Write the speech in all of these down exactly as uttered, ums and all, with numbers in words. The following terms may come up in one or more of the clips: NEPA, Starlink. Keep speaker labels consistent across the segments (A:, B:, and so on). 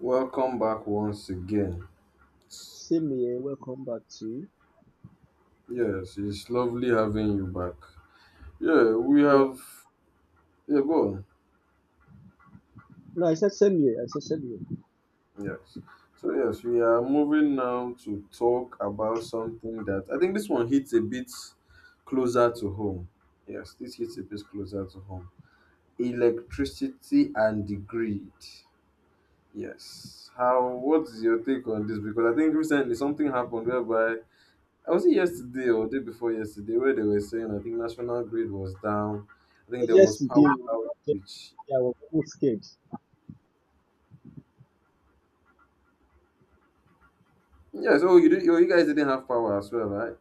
A: Welcome back once again. It's-
B: Same here. Welcome back to you.
A: Yes, it's lovely having you back. Yeah, we
B: Yeah.
A: have. Yeah, go on.
B: No, I said same here. I said Simeon.
A: Yes. So, yes, we are moving now to talk about something that I think this one hits a bit closer to home. Yes, this hits a bit closer to home. Electricity and the grid. Yes. How, what's your take on this? Because I think recently something happened whereby I was it yesterday or day before yesterday where they were saying I think National Grid was down. I think
B: But
A: there was power
B: yesterday, oh,
A: outage.
B: yesterday, I was almost scared.
A: Yeah, so you did, you you guys didn't have power as well, right?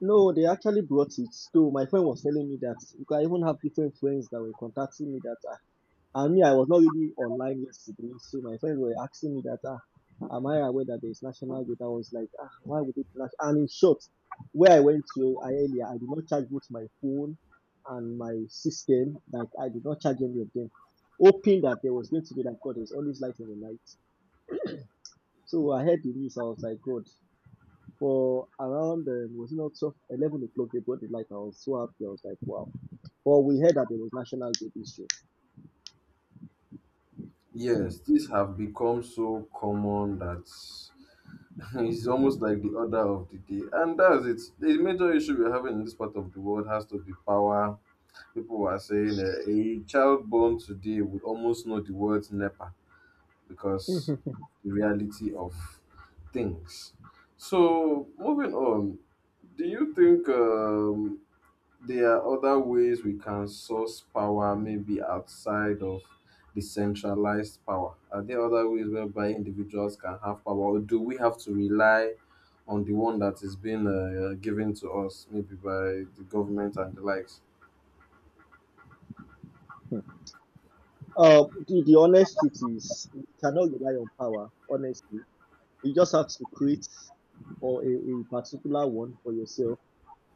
B: No, they actually brought it. So my friend was telling me that because I even have different friends that were contacting me that ah, And me, I was not really online yesterday, so my friends were asking me that, ah, am I aware that there's National Day? I was like, ah, why would it be national? And in short, where I went to I- earlier, I did not charge both my phone and my system. Like, I did not charge any of them, hoping that there was going to be like, God, there's always light in the night. So I heard the news, I was like, God, for around, um, was it not twelve, eleven o'clock, they brought the light. I was so happy, I was like, wow. But we heard that there was National Day this year.
A: Yes, these have become so common that it's almost like the order of the day. And that's it. The major issue we're having in this part of the world has to be power. People are saying uh, a child born today would almost know the words NEPA, because the reality of things. So, moving on, do you think um, there are other ways we can source power, maybe outside of decentralized power? Are there other ways whereby individuals can have power, or do we have to rely on the one that is being uh, given to us, maybe by the government and the likes?
B: Um, the, the honest truth is, you cannot rely on power, honestly. You just have to create or a, a particular one for yourself.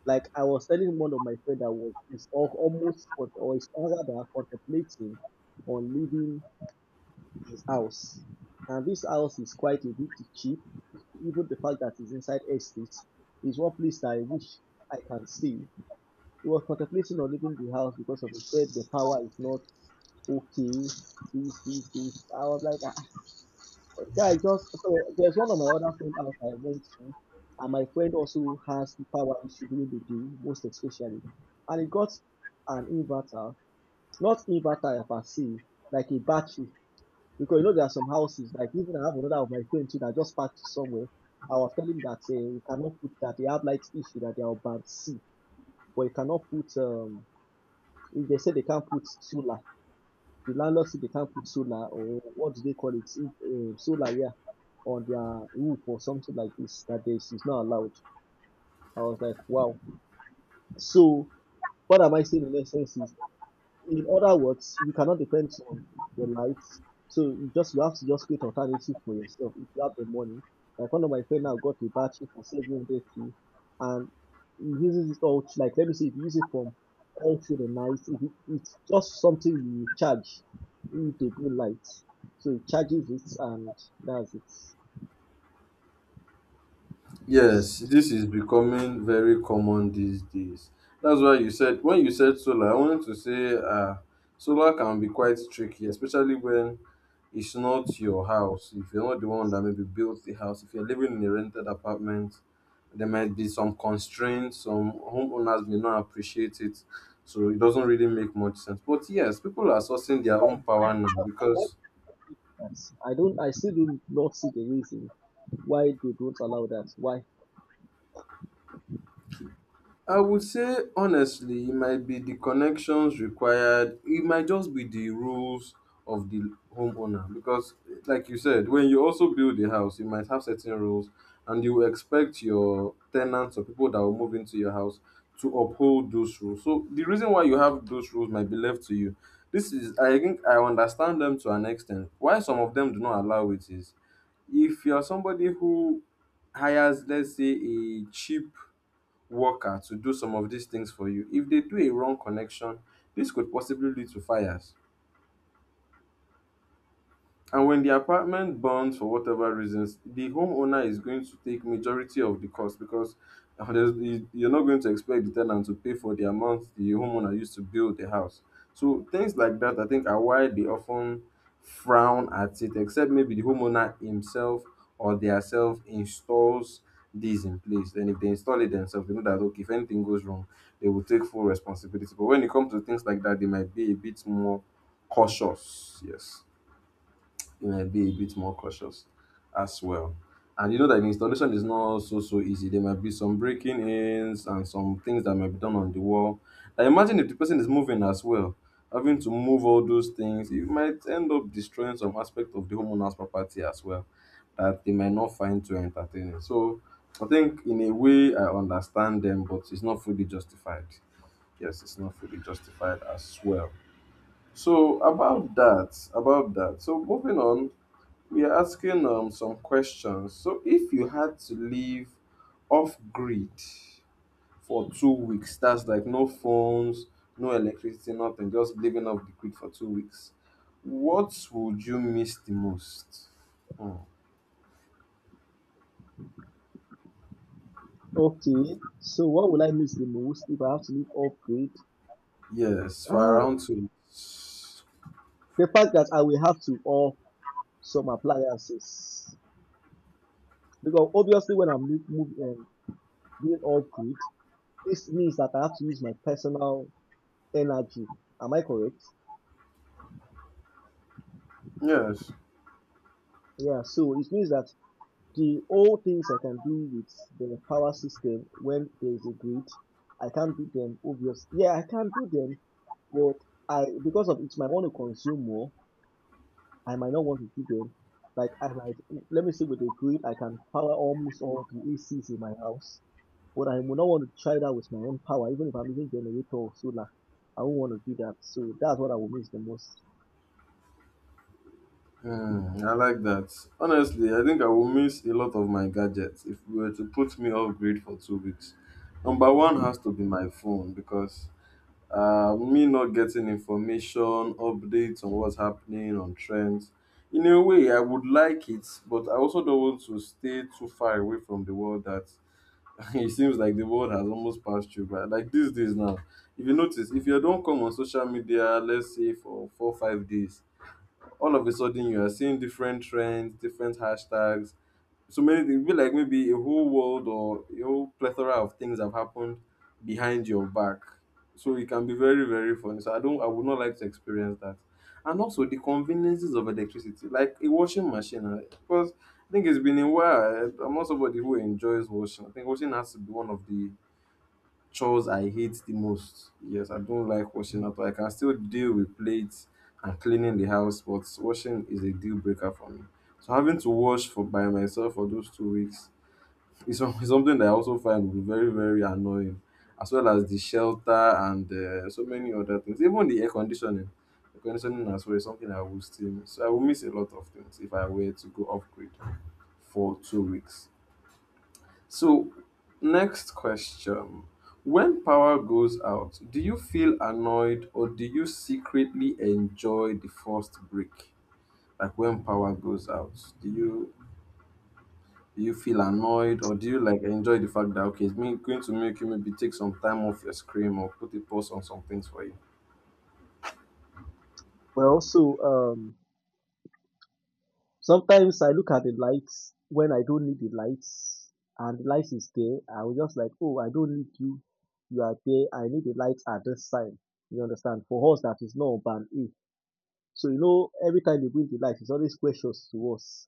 B: Like I was telling one of my friend that was is al- almost con- or is rather contemplating on leaving his house, and this house is quite a bit cheap. Even the fact that it's inside estate is one place that I wish I can see. He was contemplating on leaving the house because of the said the power is not okay, please, please, please. I was like, ah, guy, just so there's one of my other friends out I went to, and my friend also has power issue during the day, most especially. And he got an inverter, not inverter per se, like a battery. Because you know there are some houses, like even I have another of my friends too that just parked somewhere. I was telling him that uh, you cannot put that they have light issue that they are on band C, but you cannot put um if they say they can't put solar. The landlord say they can't put solar or what do they call it? Uh, solar, yeah, on their roof or something like this. That this is not allowed. I was like, wow. So what am I saying in essence is in other words, you cannot depend on the lights. So you just you have to just create alternative for yourself if you have the money. Like one of my friend now got a battery for seven thirty, and he uses it all. Like let me see, if you use it from all through the night, if it, it's just something you charge with a good light, so it charges it and that's it.
A: Yes, this is becoming very common these days. That's why you said when you said solar, I wanted to say uh solar can be quite tricky, especially when it's not your house. If you're not the one that maybe built the house, if you're living in a rented apartment, there might be some constraints, some homeowners may not appreciate it. So it doesn't really make much sense. But yes, people are sourcing their own
B: Why-
A: power now
B: why- why do
A: because
B: they do that? I don't. I still do not see the reason why they don't allow that. Why
A: I would say honestly, it might be the connections required. It might just be the rules of the homeowner because, like you said, when you also build a house, you might have certain rules, and you expect your tenants or people that will move into your house to uphold those rules. So the reason why you have those rules might be left to you. This is, I think, I understand them to an extent. Why some of them do not allow it is if you're somebody who hires, let's say, a cheap worker to do some of dis tins for you, if dey do a wrong connection, dis could possibly lead to fires. And when the apartment burns for whatever reasons, the homeowner is going to take majority of the cost because uh, there's- you- you're not going to expect the tenant to pay for the amount the homeowner used to build the house. So things like that, I think, are why they often frown at it, except maybe the homeowner himself or theirself installs these in place. Then if they install it themselves, they know that okay, if anything goes wrong, they will take full responsibility. But when it comes to things like that, they might be a bit more cautious. Yes, you might be a bit more cautious as well. And you know that the installation is not so so easy. There might be some breaking ins and some things that might be done on the wall. Now imagine if the person is moving as well, having to move all those things, it might end up destroying some aspect of the homeowner's property as well that they might not find too entertaining. So I think in a way I understand them, but it's not fully justified. Yes, it's not fully justified as well. So about that, about that. So moving on, we are asking um, some questions. So, if you had to live off grid for two weeks, that's like no phones, no electricity, nothing, just living off the grid for two weeks, what would you miss the most? Hmm.
B: Okay, so what will I miss the most if I have to leave off grid?
A: Yes, for
B: Uh,
A: around two weeks.
B: the fact that I will have to off some appliances. Because obviously, when I'm leave- move, um, being off grid, this means that I have to use my personal energy. Am I correct?
A: Yes.
B: Yeah, so it means that the all things I can do with the power system when there is a grid, I can't do them, obviously. Yeah, I can do them, but I because of it might want to consume more I might not want to see them. Like I might let me see with the grid, I can power almost all the A Cs in my house. But I will not want to try that with my own power, even if I'm using generator or solar. I won't want to do that. So that's what I will miss the most.
A: Hmm, I like that. Honestly, I think I will miss a lot of my gadgets if we were to put me off grid for two weeks. Number one has to be my phone because uh, me not getting information, updates on what's happening, on trends. In a way, I would like it, but I also don't want to stay too far away from the world that it seems like the world has almost passed you by. Like these days now, if you notice, if you don't come on social media, let's say for four or five days, all of a sudden you are seeing different trends, different hashtags, so many things. It'd be like maybe a whole world or a whole plethora of things have happened behind your back. So it can be very, very funny. So I don't I would not like to experience that. And also the conveniences of electricity, like a washing machine, right? Because I think it's been a while. I'm not somebody who enjoys washing. I think washing has to be one of the chores I hate the most. Yes, I don't like washing at all. I can still deal with plates and cleaning the house, but washing is a deal breaker for me. So having to wash for by myself for those two weeks is some- is something that I also find very very annoying, as well as the shelter and uh, so many other things. Even the air conditioning, the conditioning as well is something I will still miss. So I will miss a lot of things if I were to go upgrade for two weeks. So, next question. When power goes out, do you feel annoyed or do you secretly enjoy the first break? Like when power goes out, do you do you feel annoyed or do you like enjoy the fact that okay, it's me- going to make you maybe take some time off your screen or put a pause on some things for you?
B: But also, um, sometimes I look at the lights when I don't need the lights, and the lights is there. I will just like, oh, I don't need you. You are there. I need the lights at this time. You understand? For us, that is not band A. So you know, every time they bring the lights, it's always precious to us.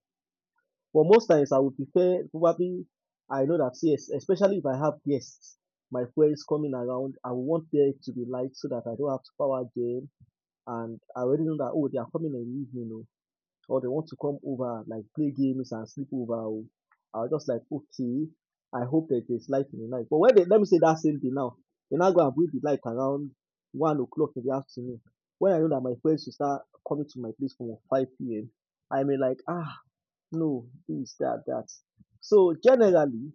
B: But most times I would prefer probably I know that yes, especially if I have guests, my friends coming around, I would want there to be light so that I don't have to power them, and I already know that oh, they are coming in the evening, oh, or they want to come over like play games and sleep over, oh. I'll just like okay, I hope that there's light in the night. But when they let me say that same thing now, they now go and bring the light around one o'clock in the afternoon. When I know that my friends will start coming to my place from five p m, I may like ah no, this, that, that, so generally,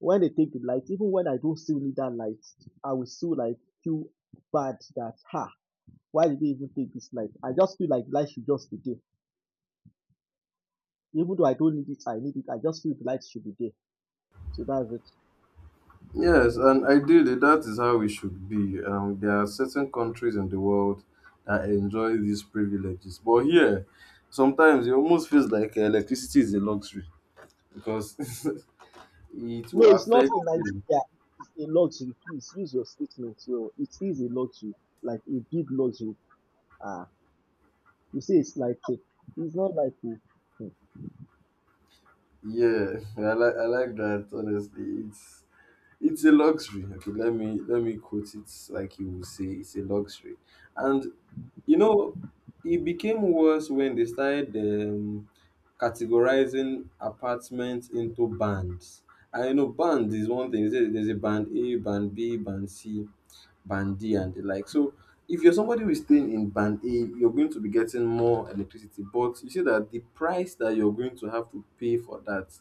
B: when they take the light, even when I don't still need that light, I will still like feel bad that, ha. Why did they even take this light? I just feel like light should just be there, even though I don't need it, I need it, I just feel the light should be there. So that's it.
A: Yes, and ideally, that is how it should be. Um, there are certain countries in the world that enjoy these privileges, but here, sometimes it almost feels like electricity is a luxury because it
B: No,
A: will
B: it's not
A: affect
B: in
A: you.
B: Nigeria. It's a luxury, please use your statement well, it is a luxury, like a big luxury. Ah, you say it's like a, it's not like a.
A: Yeah, I like I like that. Honestly, it's it's a luxury. Okay, let me let me quote it like you will say, it's a luxury, and you know, it became worse when they started. Um, categorizing apartments into bands. I know, band is one thing. You say there's a band A, band B, band C, band D, and the like. So if you're somebody who is staying in band A, you're going to be getting more electricity. But you see that the price that you're going to have to pay for that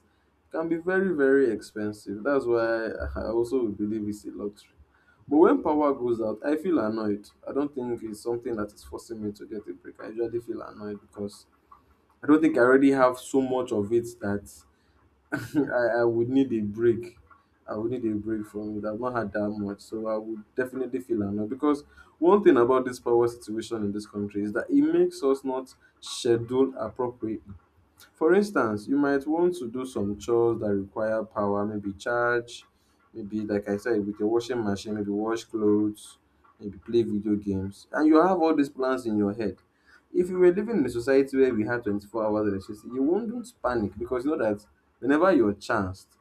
A: can be very, very expensive. That's why I also believe it's a luxury. But when power goes out, I feel annoyed. I don't think it's something that is forcing me to get a break. I usually feel annoyed because I don't think I already have so much of it that I, I would need a break. I would need a break from it. I've not had that much, so I would definitely feel annoyed. Because one thing about this power situation in this country is that it makes us not schedule appropriately. For instance, you might want to do some chores that require power, maybe charge, maybe like I said, with a washing machine, maybe wash clothes, maybe play video games. And you have all these plans in your head. If you were living in a society where we had twenty-four hours electricity, you wouldn't panic because you know that whenever you're chanced,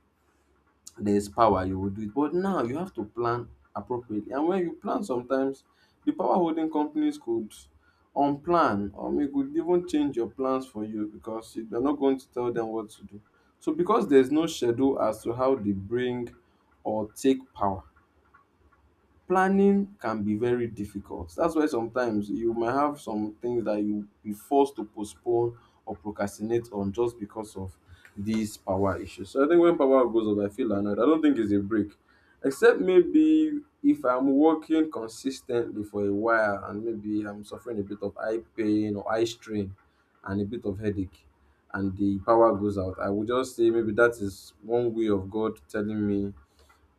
A: there's power you will do it. But now you have to plan appropriately, and when you plan sometimes the power holding companies could unplan or may could even change your plans for you because you- you're not going to tell them what to do. So because there's no schedule as to how they bring or take power, planning can be very difficult. That's why sometimes you might have some things that you be forced to postpone or procrastinate on just because of these power issues. So I think when power goes off, I feel annoyed. I don't think it's a break, except maybe if I'm working consistently for a while and maybe I'm suffering a bit of eye pain or eye strain and a bit of headache and the power goes out, I would just say maybe that is one way of God telling me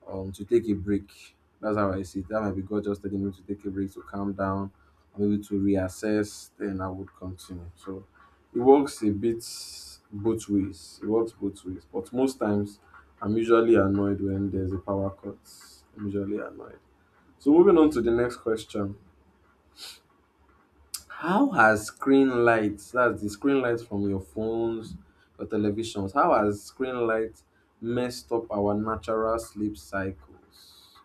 A: um to take a break. That's how I see it. That might be God just telling me to take a break, to calm down, maybe to reassess, then I would continue. So it works a bit both ways. It works both ways. But most times I'm usually annoyed when there's a power cut. I'm usually annoyed. So moving on to the next question. How has screen lights, that's the screen lights from your phones, your televisions, how has screen light messed up our natural sleep cycles?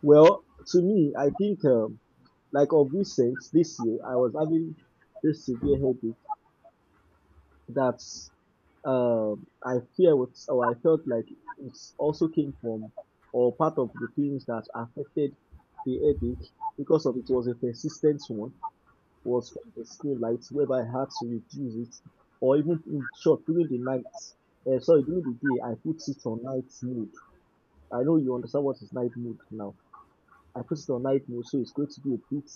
B: Well, to me, I think um Like of recent, this year, I was having this severe headache that um, I fear was, or I felt like it also came from or part of the things that affected the headache because of it was a persistent one was from the screen lights whereby I had to reduce it or even in short during the night. Uh, sorry, during the day I put it on night mode. I know you understand what is night mode now. I put it on night mode, so it's going to be a bit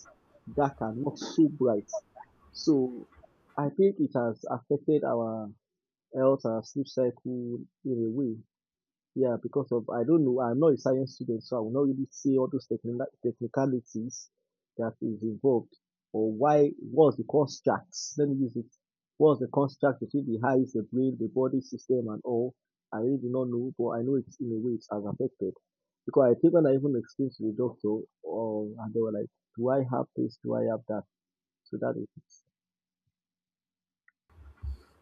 B: dark and not so bright. So I think it has affected our health, our sleep cycle in a way. Yeah, because of I don't know. I'm not a science student, so I will not really see all those technical technicalities that is involved, or why what's the construct? Let me use it. What's the construct between the eyes, the brain, the body system, and all? I really do not know, but I know it's in a way it has affected. Because I think when I even explained to the doctor, um, and they were like, "Do I have this? Do I have that?" So that is it.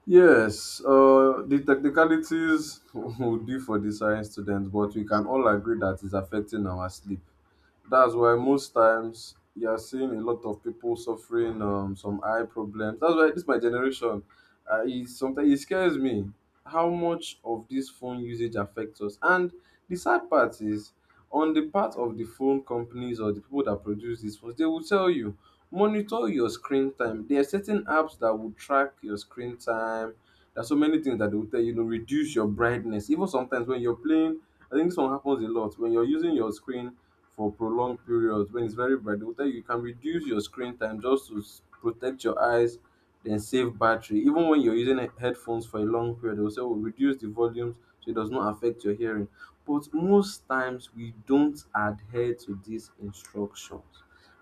A: Yes, uh, the technicalities would be for the science students, but we can all agree that it's affecting our sleep. That's why most times you are seeing a lot of people suffering um, some eye problems. That's why this my generation. Uh, is sometimes it scares me how much of this phone usage affects us. And the sad part is, on the part of the phone companies or the people that produce these phones, they will tell you monitor your screen time. There are certain apps that will track your screen time. There are so many things that they will tell you, you know, reduce your brightness. Even sometimes when you're playing, I think this one happens a lot when you're using your screen for prolonged periods when it's very bright, they will tell you you can reduce your screen time just to s- protect your eyes, then save battery. Even when you're using he- headphones for a long period, they will say, oh, reduce the volumes so it does not affect your hearing. But most times we don't adhere to these instructions.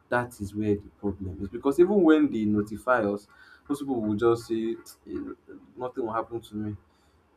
A: That is where the problem is because even when they notify us, most people will just say, "Eh, nothing will happen to me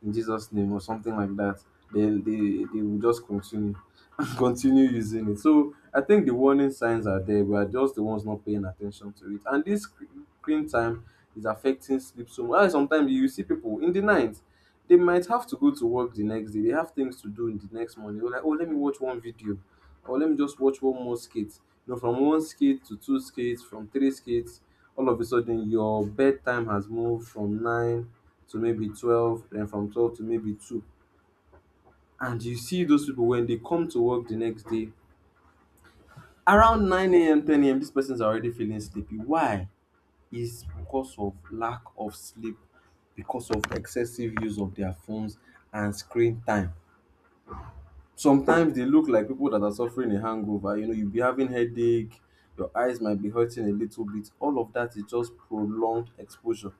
A: in Jesus' name," or something like that, then they, they will just continue continue using it. So I think the warning signs are there. We are just the ones not paying attention to it. And this sc- screen time is affecting sleep so much. And sometimes you see people in the night, they might have to go to work the next day. They have things to do in the next morning. They're like, oh, let me watch one video, or let me just watch one more skit. You know, from one skit to two skits, from three skits, all of a sudden your bedtime has moved from nine to maybe twelve, then from twelve to maybe two. And you see those people when they come to work the next day, around nine a m, ten a m, this person's already feeling sleepy. Why? It's because of lack of sleep, because of excessive use of their phones and screen time. Sometimes they look like people that are suffering a hangover. You know, you'll be having headache, your eyes might be hurting a little bit. All of that is just prolonged exposure.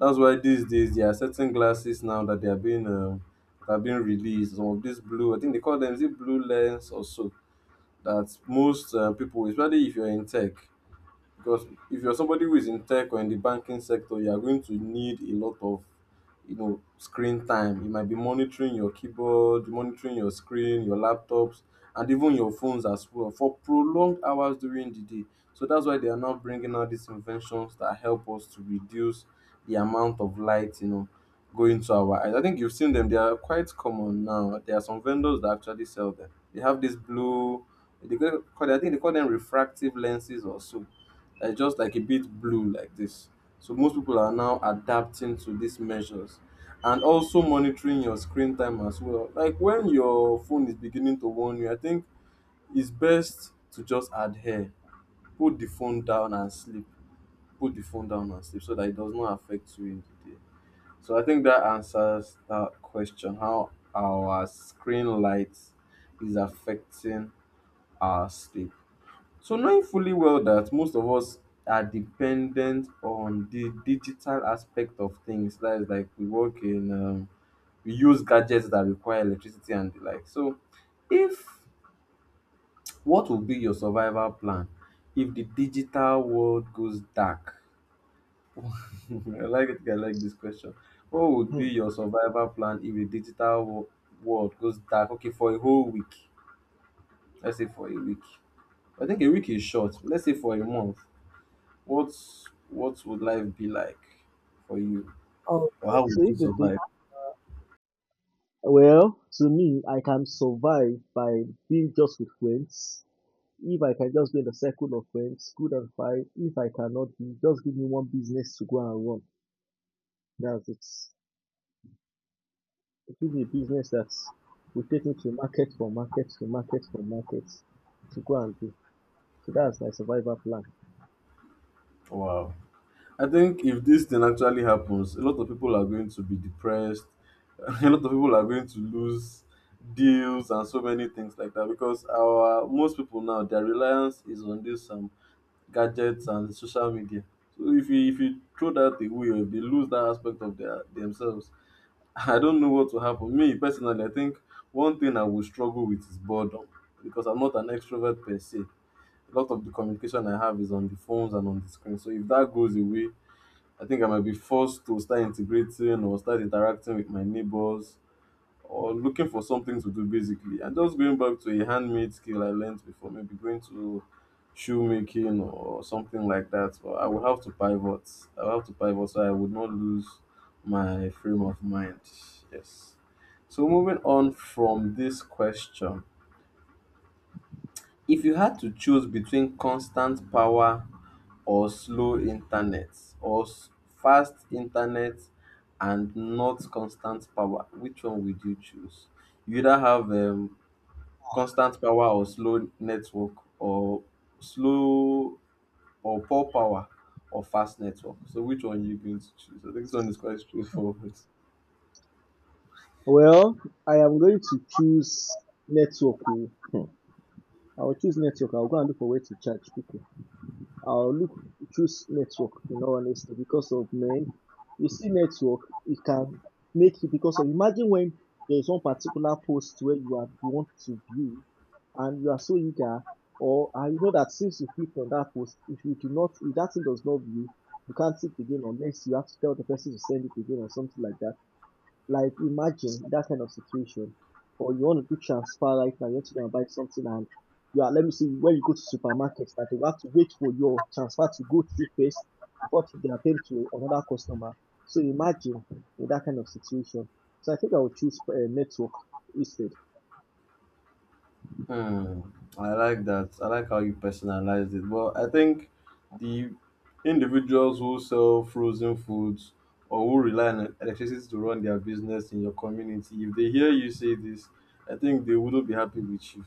A: That's why these days there are certain glasses now that they are being um, that are being released. Some of these blue, I think they call them, is it blue lens or so? That most uh, people, especially if you're in tech, because if you're somebody who is in tech or in the banking sector, you are going to need a lot of, you know, screen time. You might be monitoring your keyboard, monitoring your screen, your laptops, and even your phones as well for prolonged hours during the day. So that's why they are now bringing out these inventions that help us to reduce the amount of light, you know, going to our eyes. I think you've seen them, they are quite common now. There are some vendors that actually sell them. They have this blue, they go- call- I think they call them refractive lenses or so. Uh, just like a bit blue like this. So most people are now adapting to these measures and also monitoring your screen time as well. Like when your phone is beginning to warn you, I think it's best to just adhere. Put the phone down and sleep. Put the phone down and sleep so that it does not affect you in the day. So I think that answers that question, how our screen light is affecting our sleep. So knowing fully well that most of us are dependent on the digital aspect of things, that is, like, we work in, um, we use gadgets that require electricity and the like. So if, what would be your survival plan if the digital world goes dark? I like it. I like this question. What would
B: Hmm.
A: be your survival plan if the digital wo- world goes dark? Okay, for a whole week. Let's say for a week. I think a week is short. Let's say for a month. What's what would life be like for you?
B: Oh,
A: Or how would
B: so
A: you
B: if the thing,
A: survive?
B: well, to me, I can survive by being just with friends. If I can just be in the circle of friends, good and fine. If I cannot be, just give me one business to go and run. That's it. Give me a business that will take me to market for market to market for market to go and do. So that's my survival plan.
A: Wow. I think if this thing actually happens, a lot of people are going to be depressed. A lot of people are going to lose deals and so many things like that because our most people now, their reliance is on this um gadgets and social media. So if you if you throw that away, or if they lose that aspect of their themselves, I don't know what will happen. Me personally, I think one thing I will struggle with is boredom because I'm not an extrovert per se. A lot of the communication I have is on the phones and on the screen. So if that goes away, I think I might be forced to start integrating or start interacting with my neighbors, or looking for something to do basically, and just going back to a handmade skill I learned before. Maybe going to shoemaking or something like that, but I will have to pivot. I will have to pivot so I would not lose my frame of mind. Yes. So moving on from this question, if you had to choose between constant power or slow internet, or s- fast internet and not constant power, which one would you choose? You either have um, constant power or slow network, or slow, or poor power or fast network. So which one you going to choose? I think this one is quite straightforward.
B: Well, I am going to choose network. Oh. Hmm. I will choose network. I will go and look for where to charge people. I'll look choose network in all honesty because of men. You see network, it can make you because of imagine when there's one particular post where you are you want to view, and you are so eager or and you know that since you clicked on that post, if you do not if that thing does not view, you can't see it again unless you have to tell the person to send it again or something like that. Like imagine that kind of situation, or you want to do transfer right now, you're just gonna buy something and you are let me see when you go to supermarket that you have to wait for your transfer to go through first before to- they attend to another customer. So imagine in that kind of situation. So I think I would choose uh, network instead.
A: Hmm. I like that. I like how you personalized it. Well, I think the individuals who sell frozen foods or who rely on electricity to run their business in your community, if they hear you say this, I think they wouldn't be happy with you,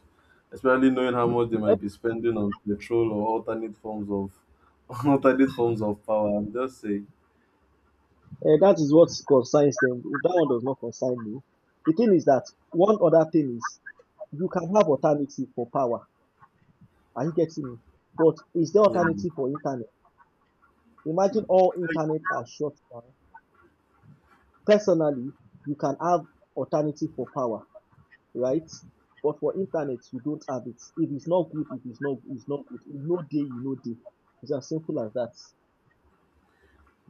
A: especially knowing how much they might be spending on petrol or alternate forms of alternate forms of power. I'm just saying.
B: Uh, that is what concerns them. That one does not concern me. The thing is that one other thing is you can have alternative for power. Are you getting me? But is there
A: Yeah.
B: alternative for internet? Imagine all internet are shut down. Personally, you can have alternative for power, right? But for internet, you don't have it. If it's not good, if it's not, it's not good. You know day, you know day. It's as simple as that.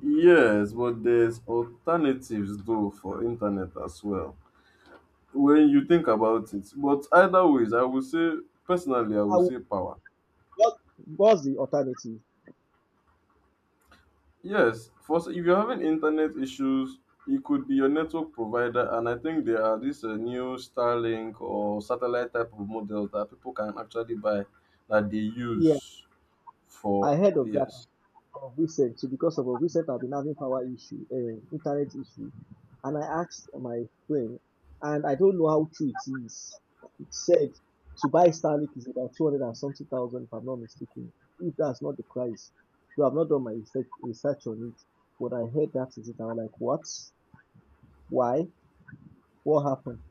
A: Yes, but there's alternatives though for internet as well, when you think about it. But either ways, I would say personally, I
B: I
A: would
B: will,
A: say power.
B: what, was the alternative?
A: Yes, for s- if you're having internet issues, it could be your network provider, and I think there are this uh, new Starlink or satellite type of models that people can actually buy that they
B: Yeah,
A: use
B: I
A: for,
B: heard of that.
A: yes,
B: Of recent, so because of of recent I've been having power issue, um, internet issue, and I asked my friend, and I don't know how true it is. It said to buy Starlink is about two hundred and something thousand, if I'm not mistaken. If that's not the price, so I've not done my research, research on it, but I heard that is it. I was like, what? Why? What happened?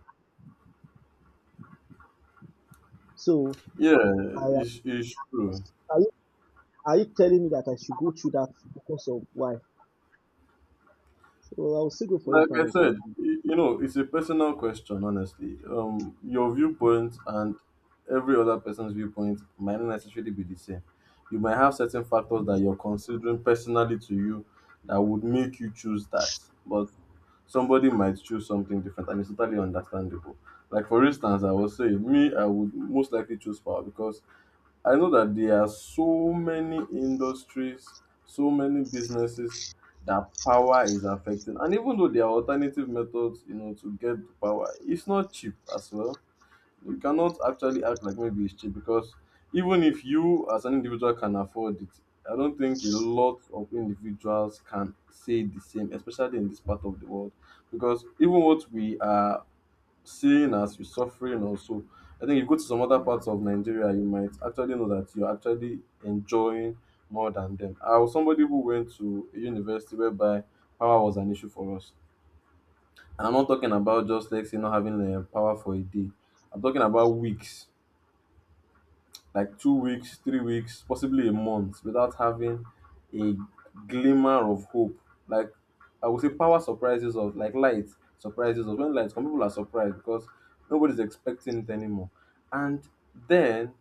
B: So
A: yeah,
B: I
A: it's, it's true.
B: asked, are you are you telling me that I should go through that because of why? So I will still go for
A: Like I
B: internet.
A: said, y- you know, it's a personal question, honestly. Um, your viewpoint and every other person's viewpoint might not necessarily be the same. You might have certain factors that you're considering personally to you that would make you choose that, but somebody might choose something different, and it's totally understandable. Like for instance, I was say me, I would most likely choose power because I know that there are so many industries, so many businesses that power is affecting. And even though there are alternative methods, you know, to get the power, it's not cheap as well. You cannot actually act like maybe it's cheap because even if you as an individual can afford it, I don't think a lot of individuals can say the same, especially in this part of the world. Because even what we are seeing as you're suffering also. I think if you go to some other parts of Nigeria, you might actually know that you're actually enjoying more than them. I was somebody who went to a university whereby power was an issue for us. And I'm not talking about just let's say not having uh, power for a day. I'm talking about weeks, like two weeks, three weeks, possibly a month without having a glimmer of hope. Like, I would say power surprises us, like light surprises us. When light, some people are surprised because nobody's expecting it anymore. And then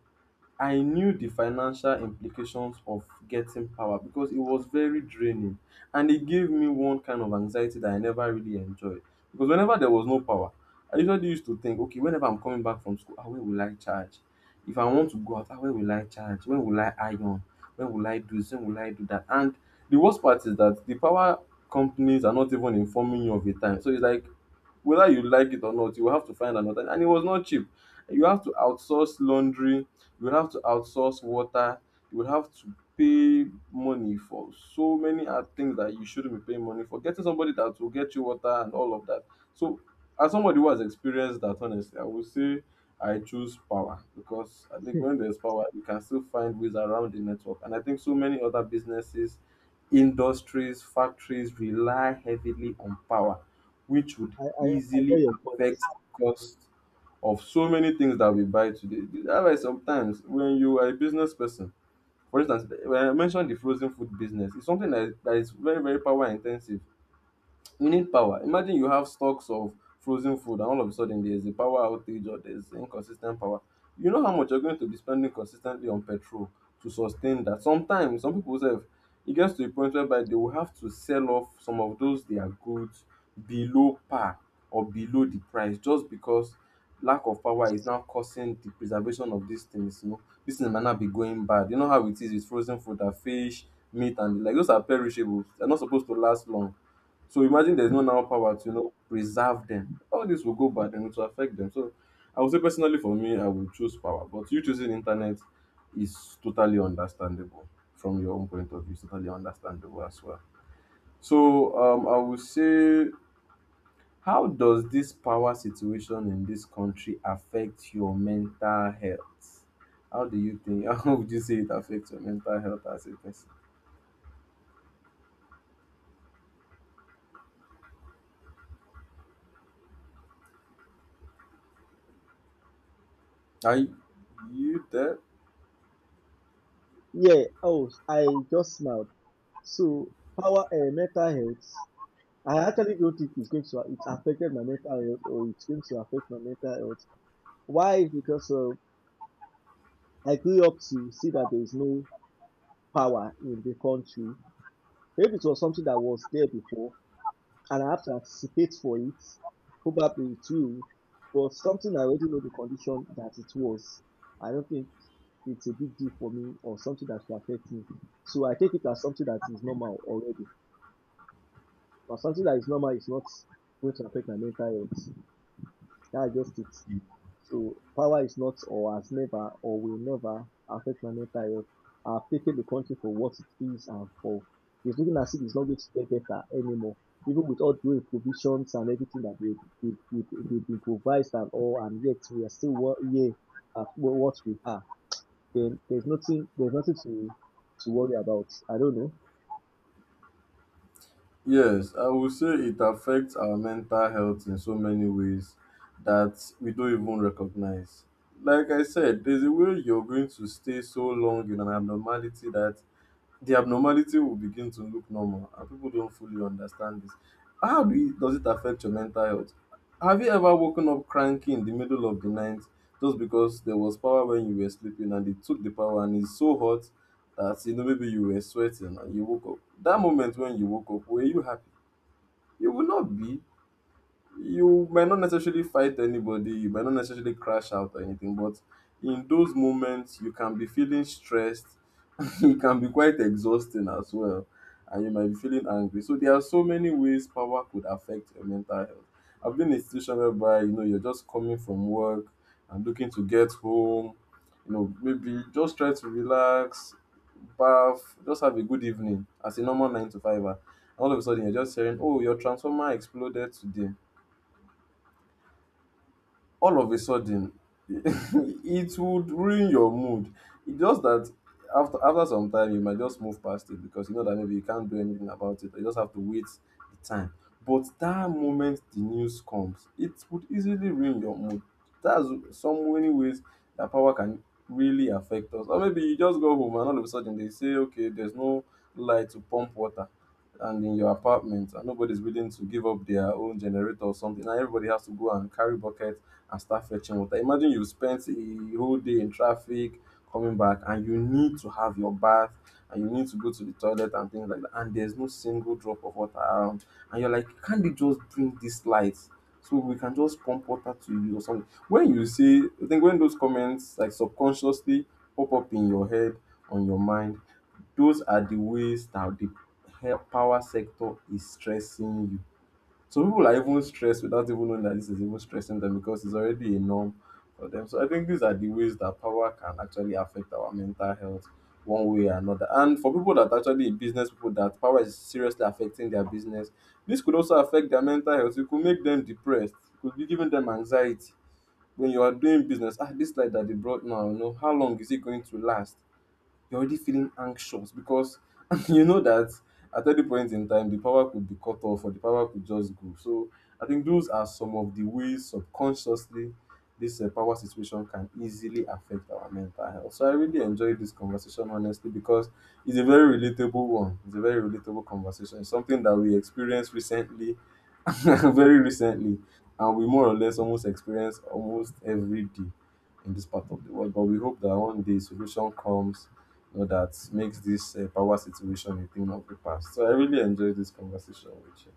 A: I knew the financial implications of getting power because it was very draining, and it gave me one kind of anxiety that I never really enjoyed. Because whenever there was no power, I usually used to think, okay, whenever I'm coming back from school, ah, where will I charge? If I want to go out, ah, where will I charge? When will I iron? When will I do this? When will I do that? And the worst part is that the power companies are not even informing you of the time. So it's like whether you like it or not, you will have to find another. And it was not cheap. You have to outsource laundry, you have to outsource water, you will have to pay money for so many other things that you shouldn't be paying money for. Getting somebody that will get you water and all of that. So, as somebody who has experienced that, honestly, I would say I choose power because I think
B: I
A: when there's power, you can still find ways around the network. And I think so many other businesses industries, factories rely heavily on power, which would
B: I, I get
A: easily
B: your point.
A: affect the cost of so many things that we buy today. That's why sometimes when you are a business person, for instance, when I mentioned the frozen food business, it's something that, that is very, very power intensive. We need power. Imagine you have stocks of frozen food and all of a sudden there's a power outage or there's inconsistent power. You know how much you're going to be spending consistently on petrol to sustain that. Sometimes some people say it gets to a point whereby they will have to sell off some of those their goods below par or below the price just because lack of power is now causing the preservation of these things. You know, these things might not be going bad. You know how it is with frozen food and fish, meat and the like, those are perishables. They're not supposed to last long, so imagine there's no now power to, you know, preserve them. All this will go bad and it will affect them. So I would say personally for me, I would choose power. But you choosing internet is totally understandable from your own point of view. It's totally understandable as well. So um, I would say, how does this power situation in this country affect your mental health? How do you think? How would you say it affects your mental health as a person? Are you you there?
B: Yeah, oh, I just smiled. So, power, uh, mental health. I actually don't think it's going to, it's affected my mental health or it's going to affect my mental health. Why? Is Because uh, I grew up to see that there is no power in the country. Maybe it was something that was there before, and I have to anticipate for it. Probably it will, but something I already know the condition that it was. I don't think it's a big deal for me or something that should affect me. So I take it as something that is normal already. But something that is normal is not going to affect my mental health. That's just it. So power is not or has never or will never affect my mental health. I've taken the country for what it is, and for it's looking as if it's not going to get better anymore. Even with all the provisions and everything that they they they they've been improvised and all, and yet we are still wo- here at wh- what we are. Then there's nothing there's nothing to to worry about. I don't know.
A: Yes, I would say it affects our mental health in so many ways that we don't even recognize. Like I said, there's a way you're going to stay so long in an abnormality that the abnormality will begin to look normal and people don't fully understand this. How do you, does it affect your mental health? Have you ever woken up cranky in the middle of the night just because there was power when you were sleeping and they took the power and it's so hot that you know maybe you were sweating and you woke up? That moment when you woke up, were you happy? You will not be, you might not necessarily fight anybody, you might not necessarily crash out or anything, but in those moments, you can be feeling stressed, it can be quite exhausting as well, and you might be feeling angry. So there are so many ways power could affect your mental health. I've been in a situation whereby you know you're just coming from work and looking to get home, you know, maybe just try to relax, bath, just have a good evening as a normal nine to fiver. And all of a sudden you're just hearing, oh, your transformer exploded today, all of a sudden it would ruin your mood. It's just that after after some time you might just move past it because you know that maybe you can't do anything about it. You just have to wait the time. But that moment the news comes, it would easily ruin your mood. That's some many ways that power can really affect us. Or maybe you just go home and all of a sudden they say, okay, there's no light to pump water and in your apartment and nobody's willing to give up their own generator or something and everybody has to go and carry bucket and start fetching water. Imagine you spent a whole day in traffic coming back and you need to have your bath and you need to go to the toilet and things like that. And there's no single drop of water around. And you're like, can't they just bring this light? So we can just pump water to you or something. When you see, I think when those comments like subconsciously pop up in your head, on your mind, those are the ways that the he- power sector is stressing you. Some people are even stressed without even knowing that this is even stressing them because it's already a norm for them. So I think these are the ways that power can actually affect our mental health one way or another. And for people that actually in business, people that power is seriously affecting their business, this could also affect their mental health. It could make them depressed, it could be giving them anxiety. When you are doing business, ah, this light that they brought now, you know, how long is it going to last? You're already feeling anxious because you know that at any point in time the power could be cut off or the power could just go. So I think those are some of the ways subconsciously this uh, power situation can easily affect our mental health. So I really enjoyed this conversation honestly because it's a very relatable one. It's a very relatable conversation. It's something that we experienced recently, very recently, and we more or less almost experience almost every day in this part of the world. But we hope that one day solution comes, you know, that makes this uh, power situation a thing of the past. So I really enjoyed this conversation with you.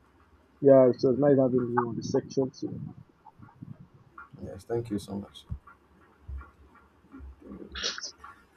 B: Yeah, it was nice having you on the section today.
A: Yes, thank you so much.